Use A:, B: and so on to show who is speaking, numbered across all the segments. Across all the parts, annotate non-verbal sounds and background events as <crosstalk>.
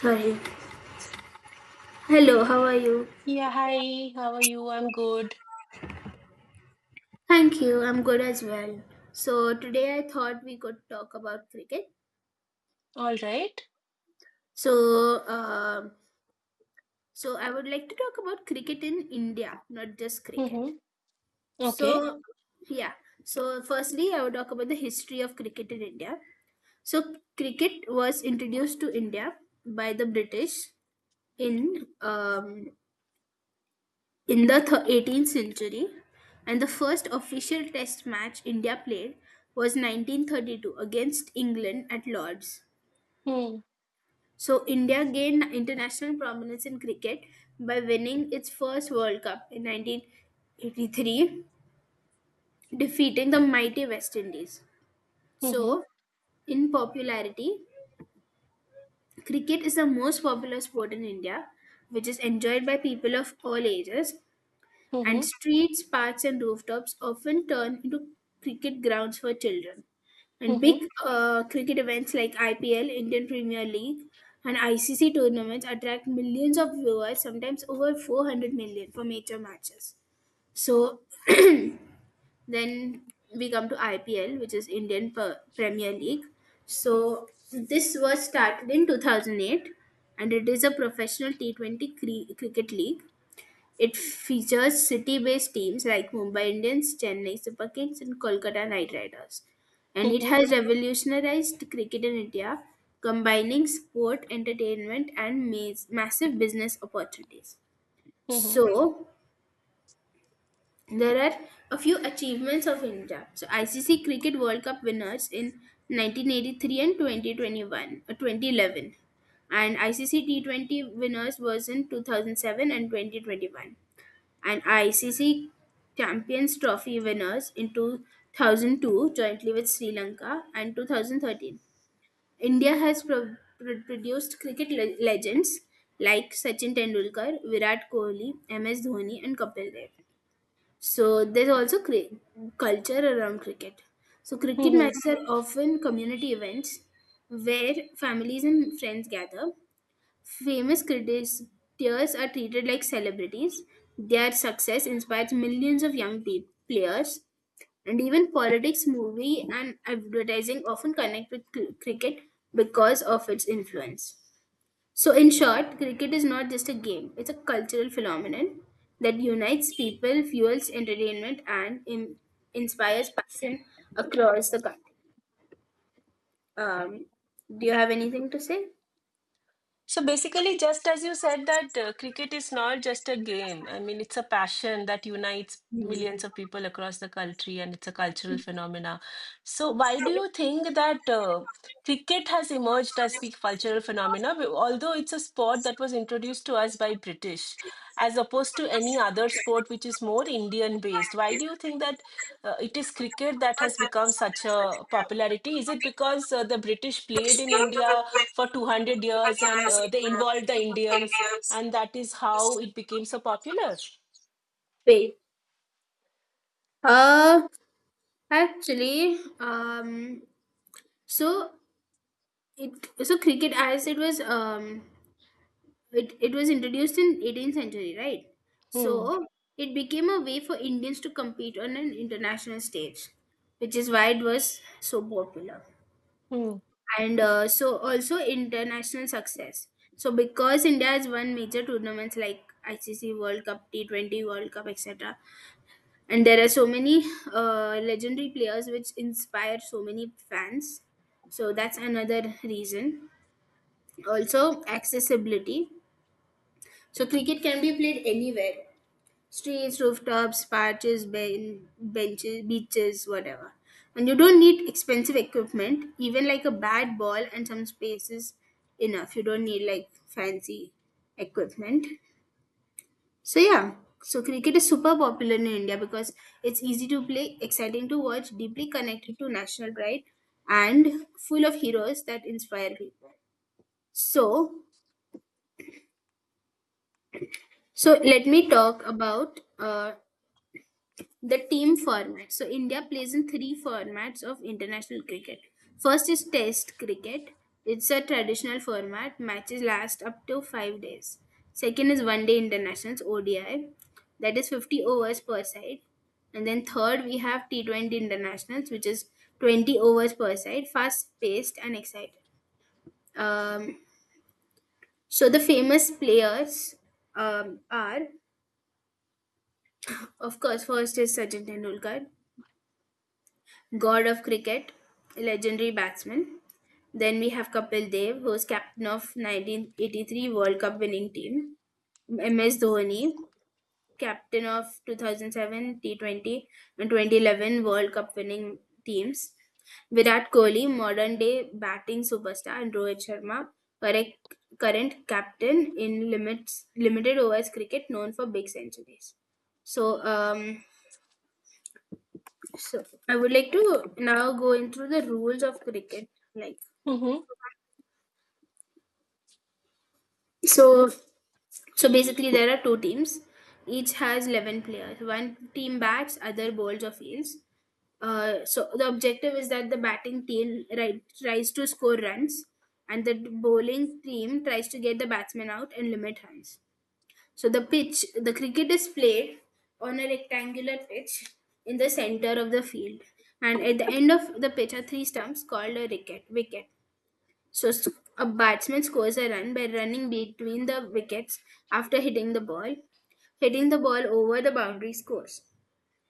A: Sorry. Hello, how are you?
B: Yeah, hi, how are you? I'm good.
A: Thank you, I'm good as well. So today I thought we could talk about cricket.
B: All right.
A: So um so I would like to talk about cricket in India, not just cricket.
B: Mm-hmm. Okay.
A: So yeah. So firstly I would talk about the history of cricket in India. So cricket was introduced to India by the British in um In the 18th century, and the first official test match India played was 1932 against England at Lord's.
B: Mm-hmm.
A: So India gained international prominence in cricket by winning its first World Cup in 1983, defeating the mighty West Indies.
B: Mm-hmm.
A: So, in popularity, cricket is the most popular sport in India, which is enjoyed by people of all ages, and
B: Mm-hmm.
A: streets, parks, and rooftops often turn into cricket grounds for children. And
B: Mm-hmm.
A: big cricket events like IPL, Indian Premier League, and ICC tournaments attract millions of viewers, sometimes over 400 million for major matches. So <clears throat> then we come to IPL, which is Indian Premier League. So this was started in 2008, and it is a professional T20 cricket league. It features city-based teams like Mumbai Indians, Chennai Super Kings and Kolkata Knight Riders. And it
B: Mm-hmm.
A: has revolutionized cricket in India, combining sport, entertainment and massive business opportunities.
B: Mm-hmm.
A: So there are a few achievements of India. So, ICC Cricket World Cup winners in 1983 and 2021, 2011. And ICC T20 winners was in 2007 and 2021, and ICC Champions Trophy winners in 2002 jointly with Sri Lanka and 2013. India has produced cricket legends like Sachin Tendulkar, Virat Kohli, MS Dhoni and Kapil Dev. So there's also culture around cricket. So cricket
B: Mm-hmm.
A: matches are often community events where families and friends gather. Famous cricketers are treated like celebrities. Their success inspires millions of young players, and even politics, movie, and advertising often connect with cricket because of its influence. So, in short, cricket is not just a game, it's a cultural phenomenon that unites people, fuels entertainment, and inspires passion across the country. Um, do you have anything to say?
B: So basically, just as you said, that cricket is not just a game. I mean, it's a passion that unites millions
A: Mm.
B: of people across the country, and it's a cultural phenomena. So why do you think that? Cricket has emerged as the cultural phenomena, although it's a sport that was introduced to us by British, as opposed to any other sport which is more Indian based. Why do you think that it is cricket that has become such a popularity? Is it because the British played in India for 200 years, and they involved the Indians, and that is how it became so popular?
A: Wait. Uh, Actually, so it so cricket, as it was it, it was introduced in 18th century, right?
B: Hmm.
A: So it became a way for Indians to compete on an international stage, which is why it was so popular.
B: Hmm.
A: And so also international success. So because India has won major tournaments like ICC World Cup, T20 World Cup, etc., and there are so many legendary players which inspire so many fans, so that's another reason. Also accessibility, so cricket can be played anywhere: streets, rooftops, parches, benches, beaches, whatever. And you don't need expensive equipment, even like a bad ball and some space is enough. You don't need like fancy equipment. So yeah, so cricket is super popular in India because it's easy to play, exciting to watch, deeply connected to national pride, and full of heroes that inspire people. So, so let me talk about the team format. So India plays in three formats of international cricket. First is Test cricket. It's a traditional format. Matches last up to 5 days. Second is One Day Internationals (ODI). That is 50 overs per side. And then third we have T20 Internationals, which is 20 overs per side, fast paced and exciting. Um, so the famous players are, of course, first is Sachin Tendulkar, god of cricket, legendary batsman. Then we have Kapil Dev, who's captain of 1983 World Cup winning team. MS Dhoni, captain of 2007 T20 and 2011 World Cup winning teams. Virat Kohli, modern day batting superstar, and Rohit Sharma, correct, current captain in limits limited overs cricket, known for big centuries. So, um, so I would like to now go into the rules of cricket. Like,
B: hmm hmm,
A: so, so basically there are two teams. Each has 11 players. One team bats, other bowls or fields. So the objective is that the batting team tries to score runs, and the bowling team tries to get the batsman out and limit runs. So the pitch, the cricket is played on a rectangular pitch in the center of the field, and at the end of the pitch are three stumps called a wicket. Wicket. So a batsman scores a run by running between the wickets after hitting the ball. Hitting the ball over the boundary scores.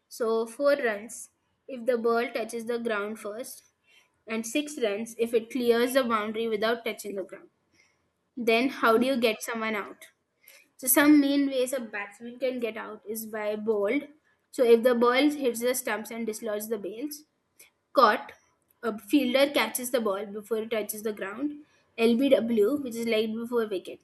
A: So four runs if the ball touches the ground first, and six runs if it clears the boundary without touching the ground. Then how do you
B: hmm,
A: get someone out? So some main ways a batsman can get out is by bowled. So if the ball hits the stumps and dislodges the bails, caught, a fielder catches the ball before it touches the ground, LBW, which is leg before wicket.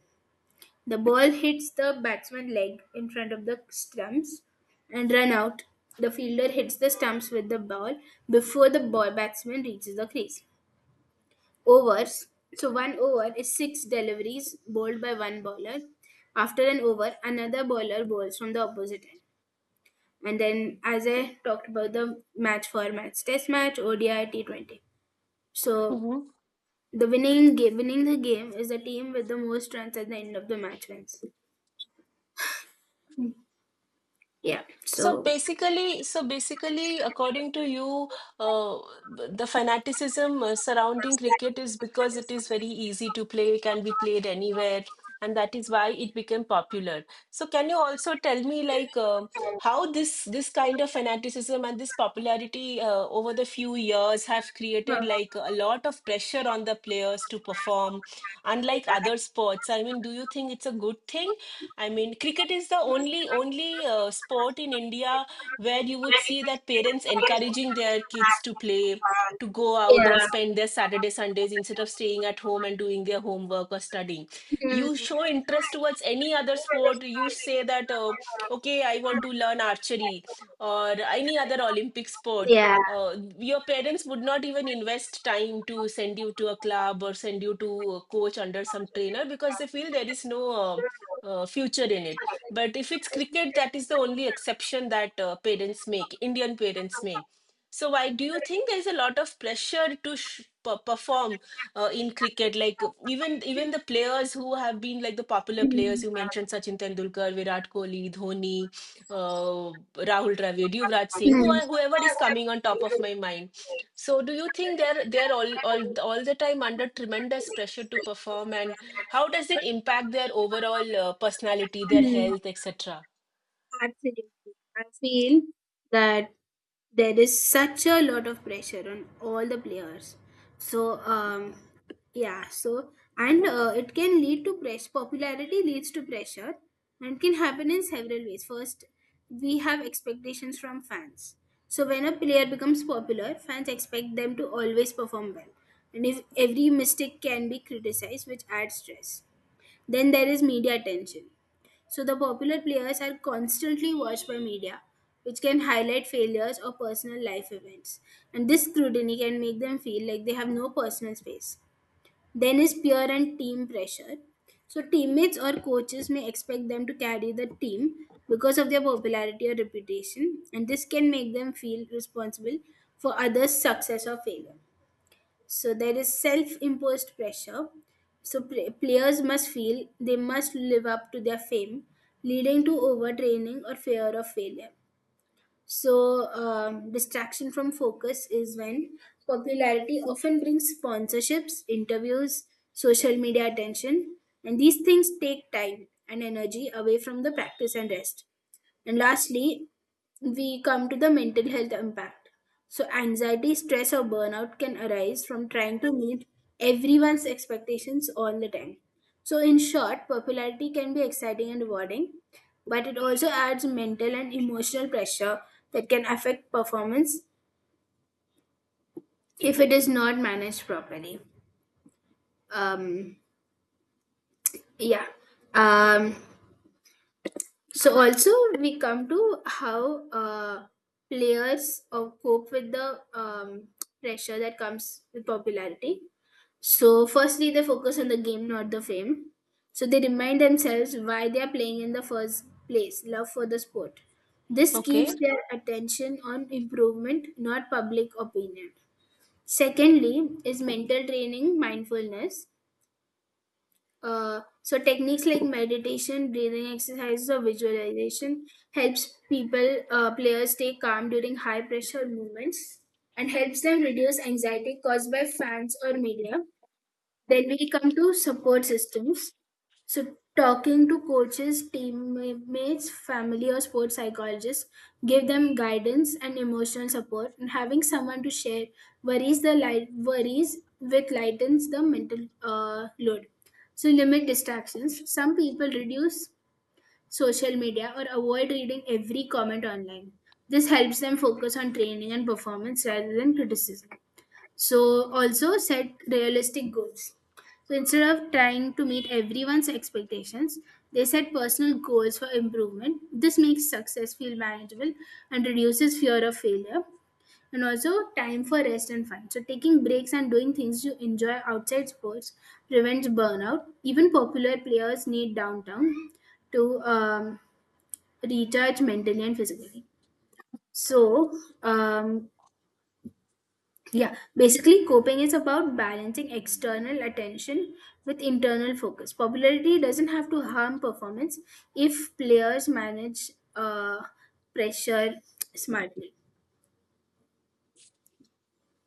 A: The ball hits the batsman's leg in front of the stumps, and run out. The fielder hits the stumps with the ball before the ball batsman reaches the crease. Overs. So one over is six deliveries bowled by one bowler. After an over, another bowler bowls from the opposite end. And then, as I talked about the match formats, test match, ODI, T20. So
B: hmm.
A: the winning game, winning the game is the team with the most runs at the end of the match wins. Yeah.
B: So
A: So.
B: basically, according to you, uh, the fanaticism surrounding cricket is because it is very easy to play, can be played anywhere, and that is why it became popular. So can you also tell me like how this kind of fanaticism and this popularity over the few years have created
A: Huh.
B: like a lot of pressure on the players to perform, unlike other sports? I mean, do you think it's a good thing? I mean, cricket is the only sport in India where you would see that parents encouraging their kids to play, to go out and spend their Saturday, Sundays instead of staying at home and doing their homework or studying. You
A: Hmm.
B: show interest towards any other sport. You say that, okay, I want to learn archery or any other Olympic sport. Your parents would not even invest time to send you to a club or send you to a coach under some trainer because they feel there is no future in it. But if it's cricket, that is the only exception that parents make, Indian parents make. So why do you think there's a lot of pressure to perform in cricket? Like even the players who have been like the popular players
A: Hmm.
B: you mentioned, Sachin Tendulkar, Virat Kohli, Dhoni, Rahul Dravid, Yuvraj Singh,
A: Hmm.
B: whoever is coming on top of my mind. So do you think they're all the time under tremendous pressure to perform, and how does it impact their overall personality, their
A: Hmm.
B: health, etc.?
A: Absolutely. I feel that there is such a lot of pressure on all the players. So, yeah, and it can lead to pressure. Popularity leads to pressure and can happen in several ways. First, we have expectations from fans. So when a player becomes popular, fans expect them to always perform well. And if every mistake can be criticized, which adds stress. Then there is media attention. So the popular players are constantly watched by media, which can highlight failures or personal life events. And this scrutiny can make them feel like they have no personal space. Then is peer and team pressure. So teammates or coaches may expect them to carry the team because of their popularity or reputation, and this can make them feel responsible for others' success or failure. So there is self-imposed pressure. So players must feel they must live up to their fame, leading to overtraining or fear of failure. So distraction from focus is when popularity often brings sponsorships, interviews, social media attention, and these things take time and energy away from the practice and rest. And lastly, we come to the mental health impact. So anxiety, stress, or burnout can arise from trying to meet everyone's expectations all the time. So, in short, popularity can be exciting and rewarding, but it also adds mental and emotional pressure that can affect performance if it is not managed properly. Um, yeah. Um, So also we come to how players cope with the pressure that comes with popularity. So firstly, they focus on the game, not the fame. So they remind themselves why they are playing in the first place, love for the sport. This
B: Okay.
A: keeps their attention on improvement, not public opinion. Secondly, is mental training, mindfulness. So techniques like meditation, breathing exercises, or visualization helps people players stay calm during high pressure movements and helps them reduce anxiety caused by fans or media. Then we come to support systems. So talking to coaches, teammates, family or sports psychologists, give them guidance and emotional support, and having someone to share worries, the light worries with, lightens the mental load. So limit distractions. Some people reduce social media or avoid reading every comment online. This helps them focus on training and performance rather than criticism. So also set realistic goals. So instead of trying to meet everyone's expectations, they set personal goals for improvement. This makes success feel manageable and reduces fear of failure. And also time for rest and fun. So taking breaks and doing things you enjoy outside sports prevents burnout. Even popular players need downtime to recharge mentally and physically. So um, yeah, basically, coping is about balancing external attention with internal focus. Popularity doesn't have to harm performance if players manage pressure smartly.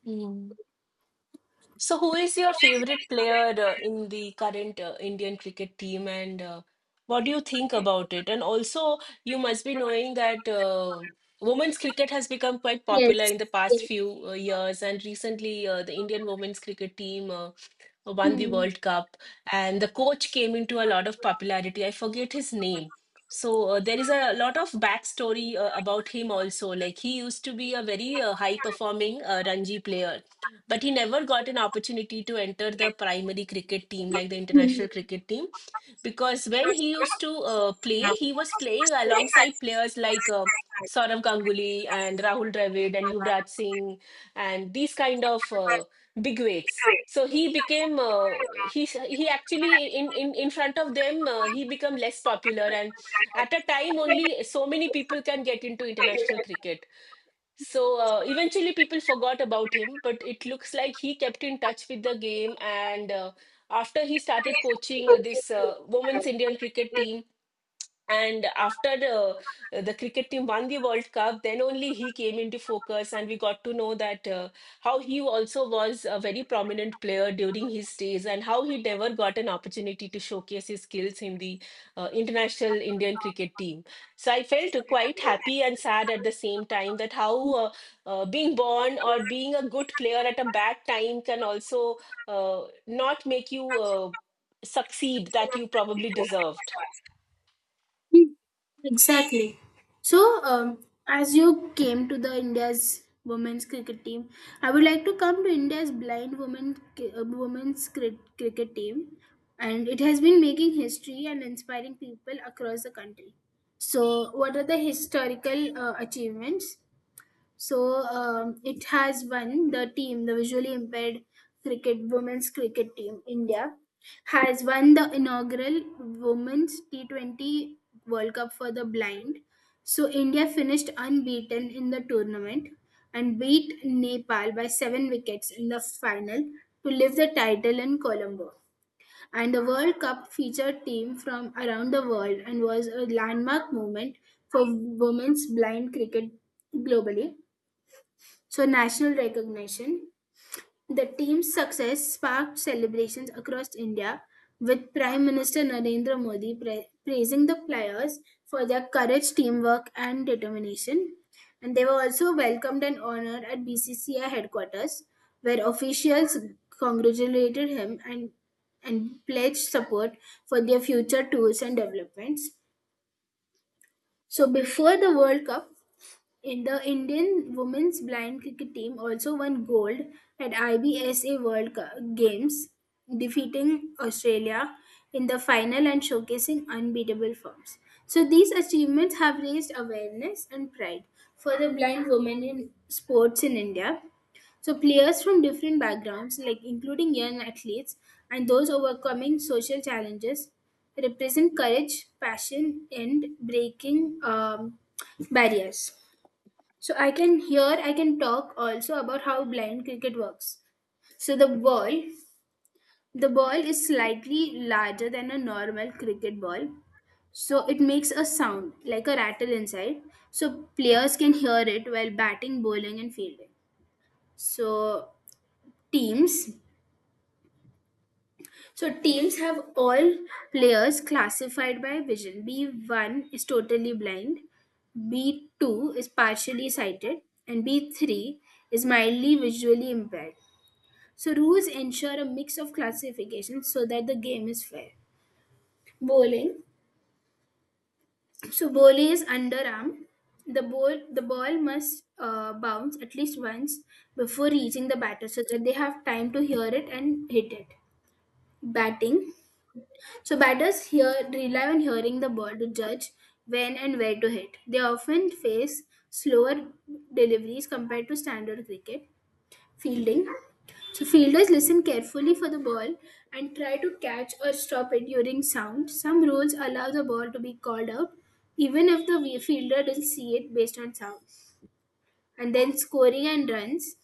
B: Mm. So who is your favorite player in the current Indian cricket team, and what do you think about it? And also, you must be knowing that women's cricket has become quite popular
A: Yes,
B: in the past
A: yes.
B: few years, and recently the Indian women's cricket team. Won the
A: Hmm.
B: World Cup, and the coach came into a lot of popularity. I forget his name. So there is a lot of backstory about him also. Like he used to be a very high performing Ranji player, but he never got an opportunity to enter the primary cricket team, like the international cricket team, because when he used to play, he was playing alongside players like Saurav Ganguly and Rahul Dravid and Yuvraj Singh, and these kind of big weights. So he became , he actually in front of them, he became less popular. And at a time, only so many people can get into international cricket, so eventually people forgot about him. But it looks like he kept in touch with the game, and after he started coaching this women's Indian cricket team, and after the cricket team won the World Cup, then only he came into focus, and we got to know that how he also was a very prominent player during his days, and how he never got an opportunity to showcase his skills in the international Indian cricket team. So I felt quite happy and sad at the same time, that how being born or being a good player at a bad time can also not make you succeed that you probably deserved.
A: Mm, exactly. So, as you came to the India's women's cricket team, I would like to come to India's blind women's cricket team, and it has been making history and inspiring people across the country. So what are the historical achievements? So it has won the team, the visually impaired cricket women's cricket team, India, has won the inaugural women's T20 World Cup for the blind. So India finished unbeaten in the tournament and beat Nepal by seven wickets in the final to lift the title in Colombo. And the World Cup featured teams from around the world and was a landmark moment for women's blind cricket globally, so national recognition. The team's success sparked celebrations across India, with Prime Minister Narendra Modi praising the players for their courage, teamwork, and determination. And they were also welcomed and honored at BCCI headquarters, where officials congratulated him and pledged support for their future tours and developments. So before the World Cup, in the Indian women's blind cricket team also won gold at IBSA Games, defeating Australia in the final and showcasing unbeatable forms. So these achievements have raised awareness and pride for the blind women in sports in India. So players from different backgrounds, like including young athletes and those overcoming social challenges, represent courage, passion, and breaking barriers. So I can here I can talk also about how blind cricket works. So the ball is slightly larger than a normal cricket ball. So it makes a sound like a rattle inside. So players can hear it while batting, bowling and fielding. So teams so teams have all players classified by vision. B1 is totally blind. B2 is partially sighted and B3 is mildly visually impaired. So rules ensure a mix of classifications so that the game is fair. Bowling. So bowling is underarm. The ball must bounce at least once before reaching the batter so that they have time to hear it and hit it. Batting. So batters hear rely on hearing the ball to judge when and where to hit. They often face slower deliveries compared to standard cricket. Fielding. So fielders listen carefully for the ball and try to catch or stop it during sound. Some rules allow the ball to be called out even if the fielder doesn't see it based on sound. And then scoring and runs.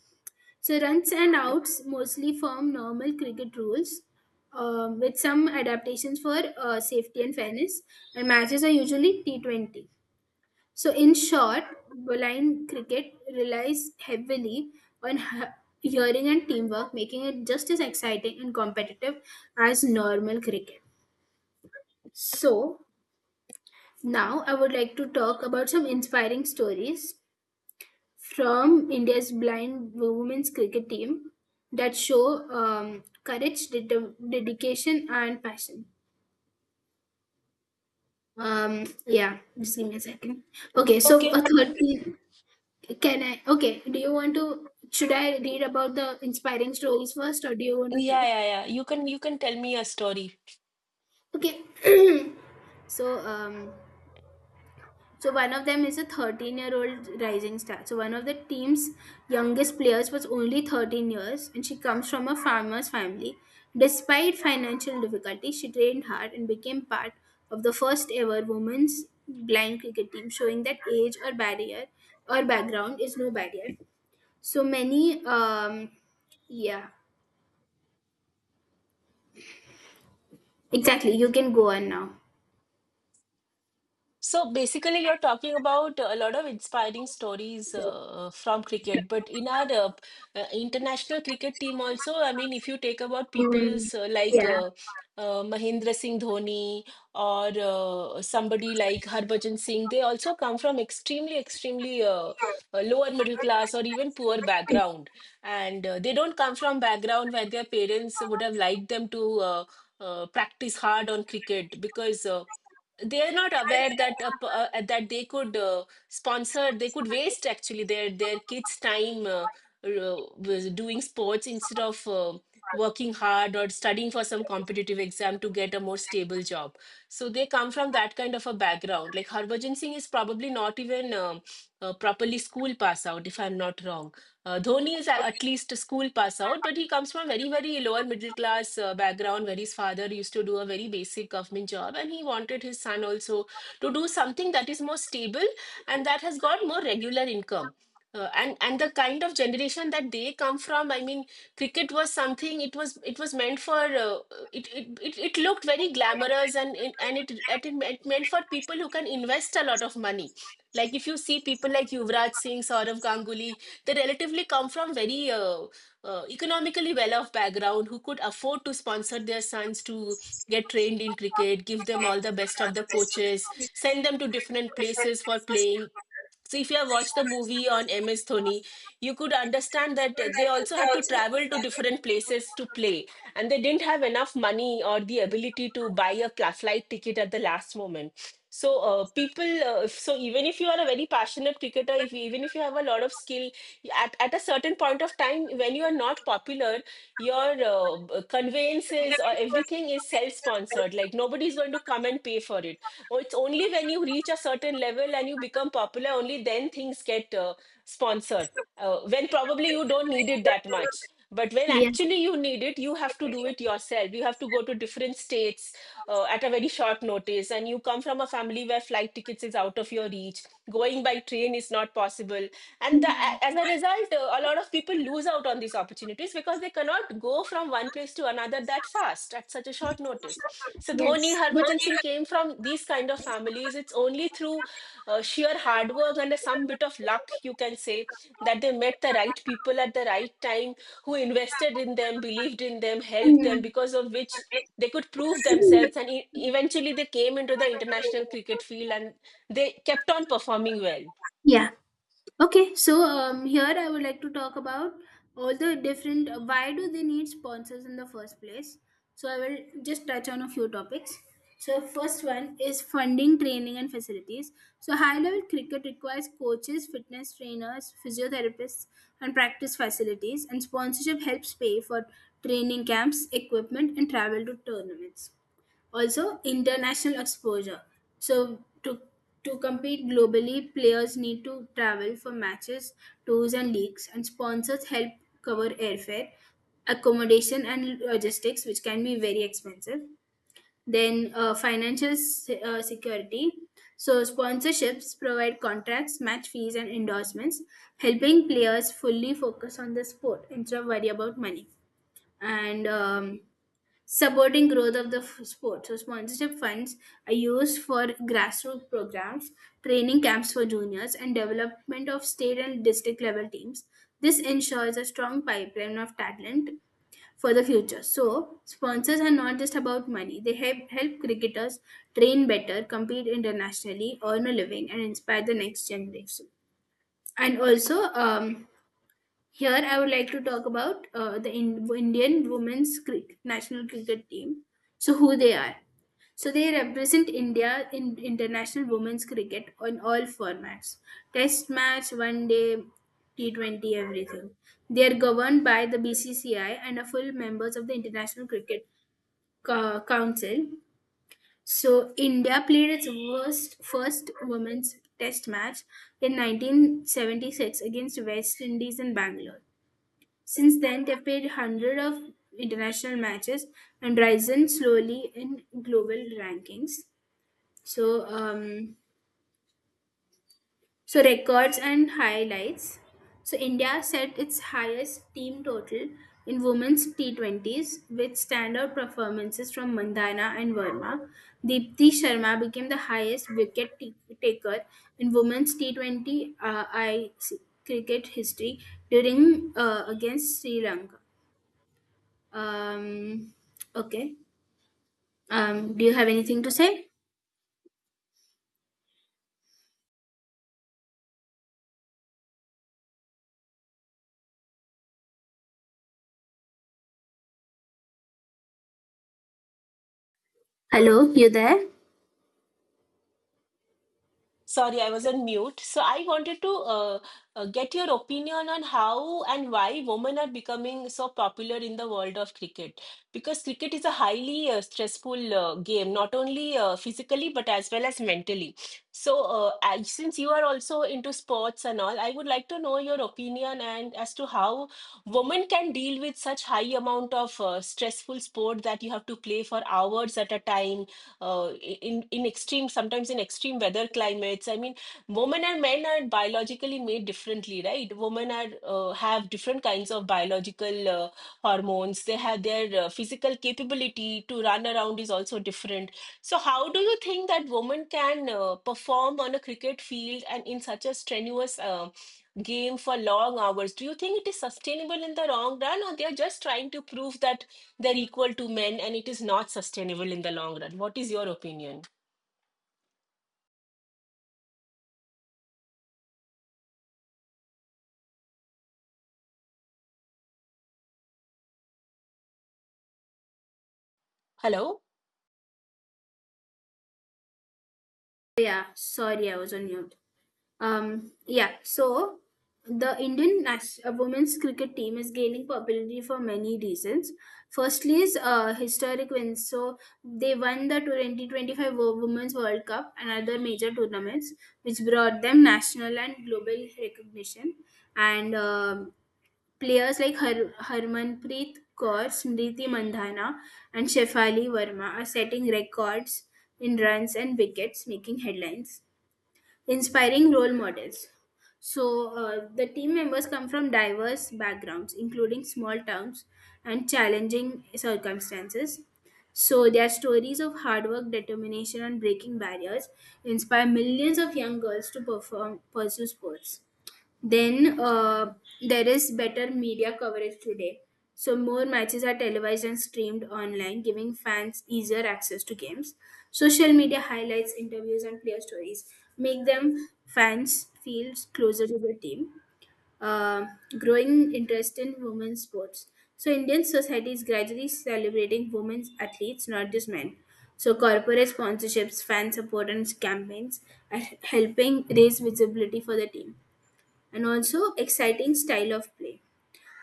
A: So runs and outs mostly form normal cricket rules, with some adaptations for safety and fairness, and matches are usually T20. So, in short, blind cricket relies heavily on hearing and teamwork, making it just as exciting and competitive as normal cricket. So, now I would like to talk about some inspiring stories from India's blind women's cricket team that show courage, dedication, and passion. Yeah, just give me a second. Okay, so a
B: Okay.
A: 13, Can I? Okay. Do you want to? Should I read about the inspiring stories first, or do you want
B: Yeah,
A: to?
B: yeah, yeah. You can tell me a story.
A: Okay. <clears throat> so um, so one of them is a 13-year-old rising star. So one of the team's youngest players was only 13 years, and she comes from a farmer's family. Despite financial difficulties, she trained hard and became part of the first ever women's blind cricket team, showing that age or barrier or background is no barrier. So many, yeah, exactly. You can go on now.
B: So basically, you're talking about a lot of inspiring stories from cricket, but in our international cricket team also, I mean, if you take about
A: Mm,
B: people's uh, like
A: yeah,
B: uh, uh, Mahendra Singh Dhoni or somebody like Harbhajan Singh, they also come from extremely lower middle class or even poor background, and they don't come from background where their parents would have liked them to. Practice hard on cricket, because they are not aware that that they could sponsor, they could waste actually their kids time, with doing sports instead of working hard or studying for some competitive exam to get a more stable job. So they come from that kind of a background. Like Harbhajan Singh is probably not even properly school pass out, if I'm not wrong. Dhoni is at least a school pass out, but he comes from very, very lower middle class background, where his father used to do a very basic government job, and he wanted his son also to do something that is more stable and that has got more regular income. And the kind of generation that they come from, I mean, cricket was something. It was meant for , it looked very glamorous, and it meant for people who can invest a lot of money. Like if you see people like Yuvraj Singh, Saurav Ganguly, they relatively come from very economically well-off background, who could afford to sponsor their sons to get trained in cricket, give them all the best of the coaches, send them to different places for playing. So if you have watched the movie on MS Dhoni, you could understand that they also had to travel to different places to play, and they didn't have enough money or the ability to buy a flight ticket at the last moment. So even if you are a very passionate cricketer, if even if even if you have a lot of skill at a certain point of time when you are not popular, your conveyances or everything is self-sponsored, like nobody's going to come and pay for it. Oh, it's only when you reach a certain level and you become popular, only then things get sponsored, when probably you don't need it that much. But when
A: yeah,
B: actually you need it, you have to do it yourself. You have to go to different states at a very short notice, and you come from a family where flight tickets is out of your reach, going by train is not possible, and the, as
A: mhm,
B: a result, a lot of people lose out on these opportunities because they cannot go from one place to another that fast at such a short notice. So Dhoni,
A: yes,
B: Harbhajan Singh came from these kind of families. It's only through sheer hard work and some bit of luck, you can say, that they met the right people at the right time, who invested in them, believed in them, helped them,
A: mm,
B: because of which they could prove themselves, and eventually they came into the international cricket field, and they kept on performing well.
A: yeah. Okay, so here I would like to talk about all the different why do they need sponsors in the first place. So I will just touch on a few topics. So first one is funding, training, and facilities. So high level cricket requires coaches, fitness trainers, physiotherapists, and practice facilities. And sponsorship helps pay for training camps, equipment, and travel to tournaments, also international exposure, so to compete globally players need to travel for matches, tours and leagues, and sponsors help cover airfare, accommodation and logistics, which can be very expensive. Then financial security. So sponsorships provide contracts, match fees and endorsements, helping players fully focus on the sport instead of worry about money, and supporting growth of the sport. So sponsorship funds are used for grassroots programs, training camps for juniors, and development of state and district level teams. This ensures a strong pipeline of talent for the future. So sponsors are not just about money; they help cricketers train better, compete internationally, earn a living, and inspire the next generation. And also, here, I would like to talk about the Indian women's cricket, national cricket team. So, who they are? So, they represent India in international women's cricket on all formats: Test match, one day, T20, everything. They are governed by the BCCI and are full members of the International Cricket Council. So, India played its first women's test match in 1976 against West Indies in Bangalore. Since then, they've played hundreds of international matches and risen slowly in global rankings. So, so records and highlights. So India set its highest team total in women's T20s with standout performances from Mandana and Verma. Deepthi Sharma became the highest taker in women's T20 I C cricket history during against Sri Lanka. Um, okay. Do you have anything to say? Hello, you there?
B: Sorry, I was on mute. So I wanted to get your opinion on how and why women are becoming so popular in the world of cricket. Because cricket is a highly stressful game, not only physically but as well as mentally. So since you are also into sports and all, I would like to know your opinion and as to how women can deal with such high amount of stressful sport that you have to play for hours at a time, in extreme, sometimes in extreme weather climates. I mean, women and men are biologically made differently, right? Women are have different kinds of biological hormones, they have their physical capability to run around is also different. So how do you think that women can perform on a cricket field and in such a strenuous game for long hours? Do you think it is sustainable in the long run, or they are just trying to prove that they're equal to men and it is not sustainable in the long run? What is your opinion? Hello?
A: Yeah, sorry, I was on mute. Yeah, so the Indian women's cricket team is gaining popularity for many reasons. Firstly, is historic wins. So they won the 2025 Women's World Cup and other major tournaments, which brought them national and global recognition. And Players like Harmanpreet Kaur, Smriti Mandhana, and Shefali Verma are setting records in runs and wickets, making headlines. Inspiring role models. So, the team members come from diverse backgrounds, including small towns and challenging circumstances. So, their stories of hard work, determination, and breaking barriers inspire millions of young girls to perform, pursue sports. Then there is better media coverage today. So more matches are televised and streamed online, giving fans easier access to games. Social media highlights, interviews, and player stories make them fans feel closer to the team. Uh, growing interest in women's sports. So Indian society is gradually celebrating women's athletes, not just men. So corporate sponsorships, fan support, and campaigns are helping raise visibility for the team, and also exciting style of play.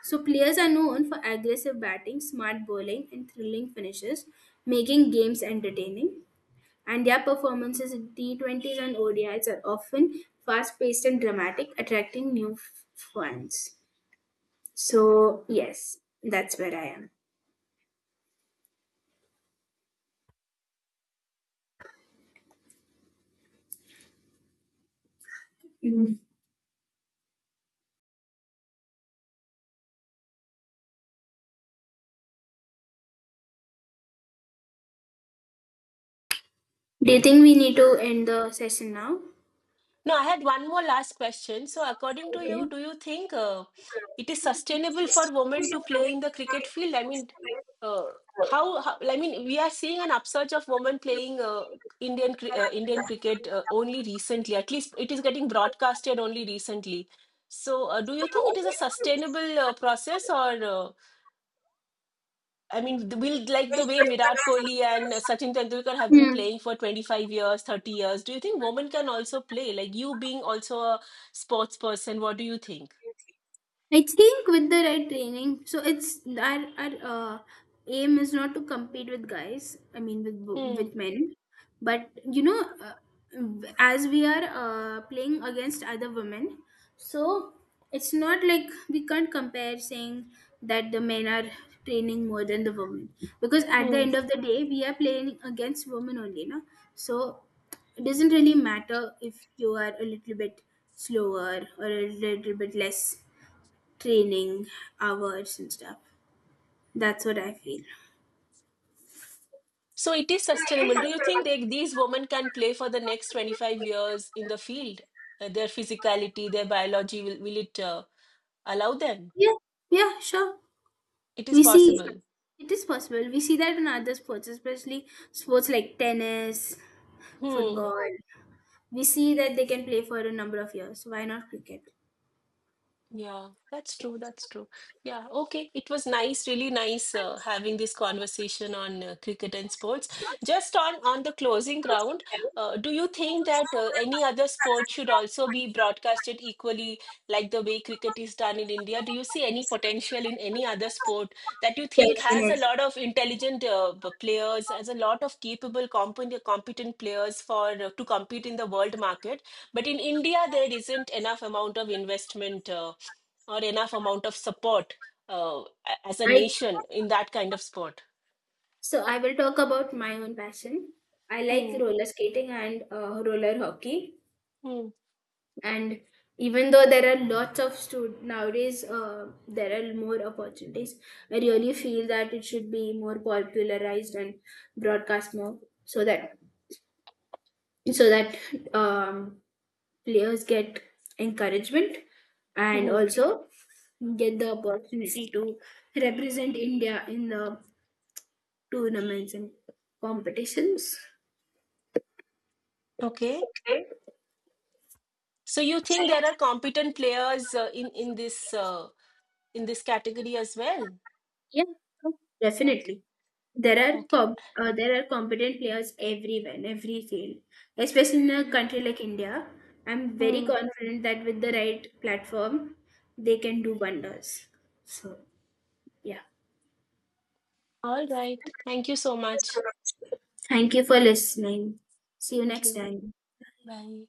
A: So players are known for aggressive batting, smart bowling, and thrilling finishes, making games entertaining. And their performances in T20s and ODIs are often fast-paced and dramatic, attracting new fans. So yes, that's where I am. Mm. Do you think we need to end the session now?
B: No, I had one more last question. So according to you, do you think it is sustainable for women to play in the cricket field? I mean, uh, how, I mean, we are seeing an upsurge of women playing Indian cricket only recently, at least it is getting broadcasted only recently. So do you think it is a sustainable process, or I mean, will, like the way Virat Kohli and Sachin Tendulkar have been
A: Hmm.
B: playing for 25 years, 30 years. Do you think women can also play? Like you being also a sports person, what do you think?
A: I think with the right training, so it's our aim is not to compete with guys. I mean, with
B: Hmm.
A: with men, but you know, uh, as we are playing against other women, so it's not like we can't compare saying that the men are training more than the women, because at the
B: Hmm.
A: end of the day, we are playing against women only, no. So it doesn't really matter if you are a little bit slower or a little bit less training hours and stuff. That's what I feel.
B: So it is sustainable. Do you think they, these women can play for the next 25 years in the field? Their physicality, their biology, will it allow them?
A: Yeah, yeah, sure.
B: It is
A: We see
B: possible.
A: it is possible. We see that in other sports, especially sports like tennis,
B: Hmm.
A: football. We see that they can play for a number of years. Why not cricket?
B: Yeah, that's true. That's true. Yeah, okay. It was nice, really nice having this conversation on cricket and sports. Just on the closing round, do you think that any other sport should also be broadcasted equally, like the way cricket is done in India? Do you see any potential in any other sport that you think has a
A: Definitely.
B: lot of intelligent players, has a lot of capable, competent players for to compete in the world market? But in India, there isn't enough amount of investment. Or enough amount of support, uh, as a
A: I
B: nation, in that kind of sport.
A: so I will talk about my own passion. I like
B: Hmm.
A: roller skating and roller hockey.
B: Hmm.
A: And even though there are lots of students nowadays, there are more opportunities, I really feel that it should be more popularized and broadcast more so that so that um, players get encouragement, and
B: Hmm.
A: also get the opportunity to represent india in the tournaments and competitions.
B: Okay.
A: Okay.
B: So you think there are competent players in this in this category as well?
A: Definitely.
B: Okay.
A: There are
B: Okay.
A: there are competent players everywhere in every field, especially in a
B: Hmm.
A: country like India. I'm very
B: Hmm.
A: confident that with the right platform, they can do wonders. So yeah,
B: All right. Thank you so much.
A: thank you for listening. See you
B: Thank
A: next
B: you.
A: time.
B: Bye.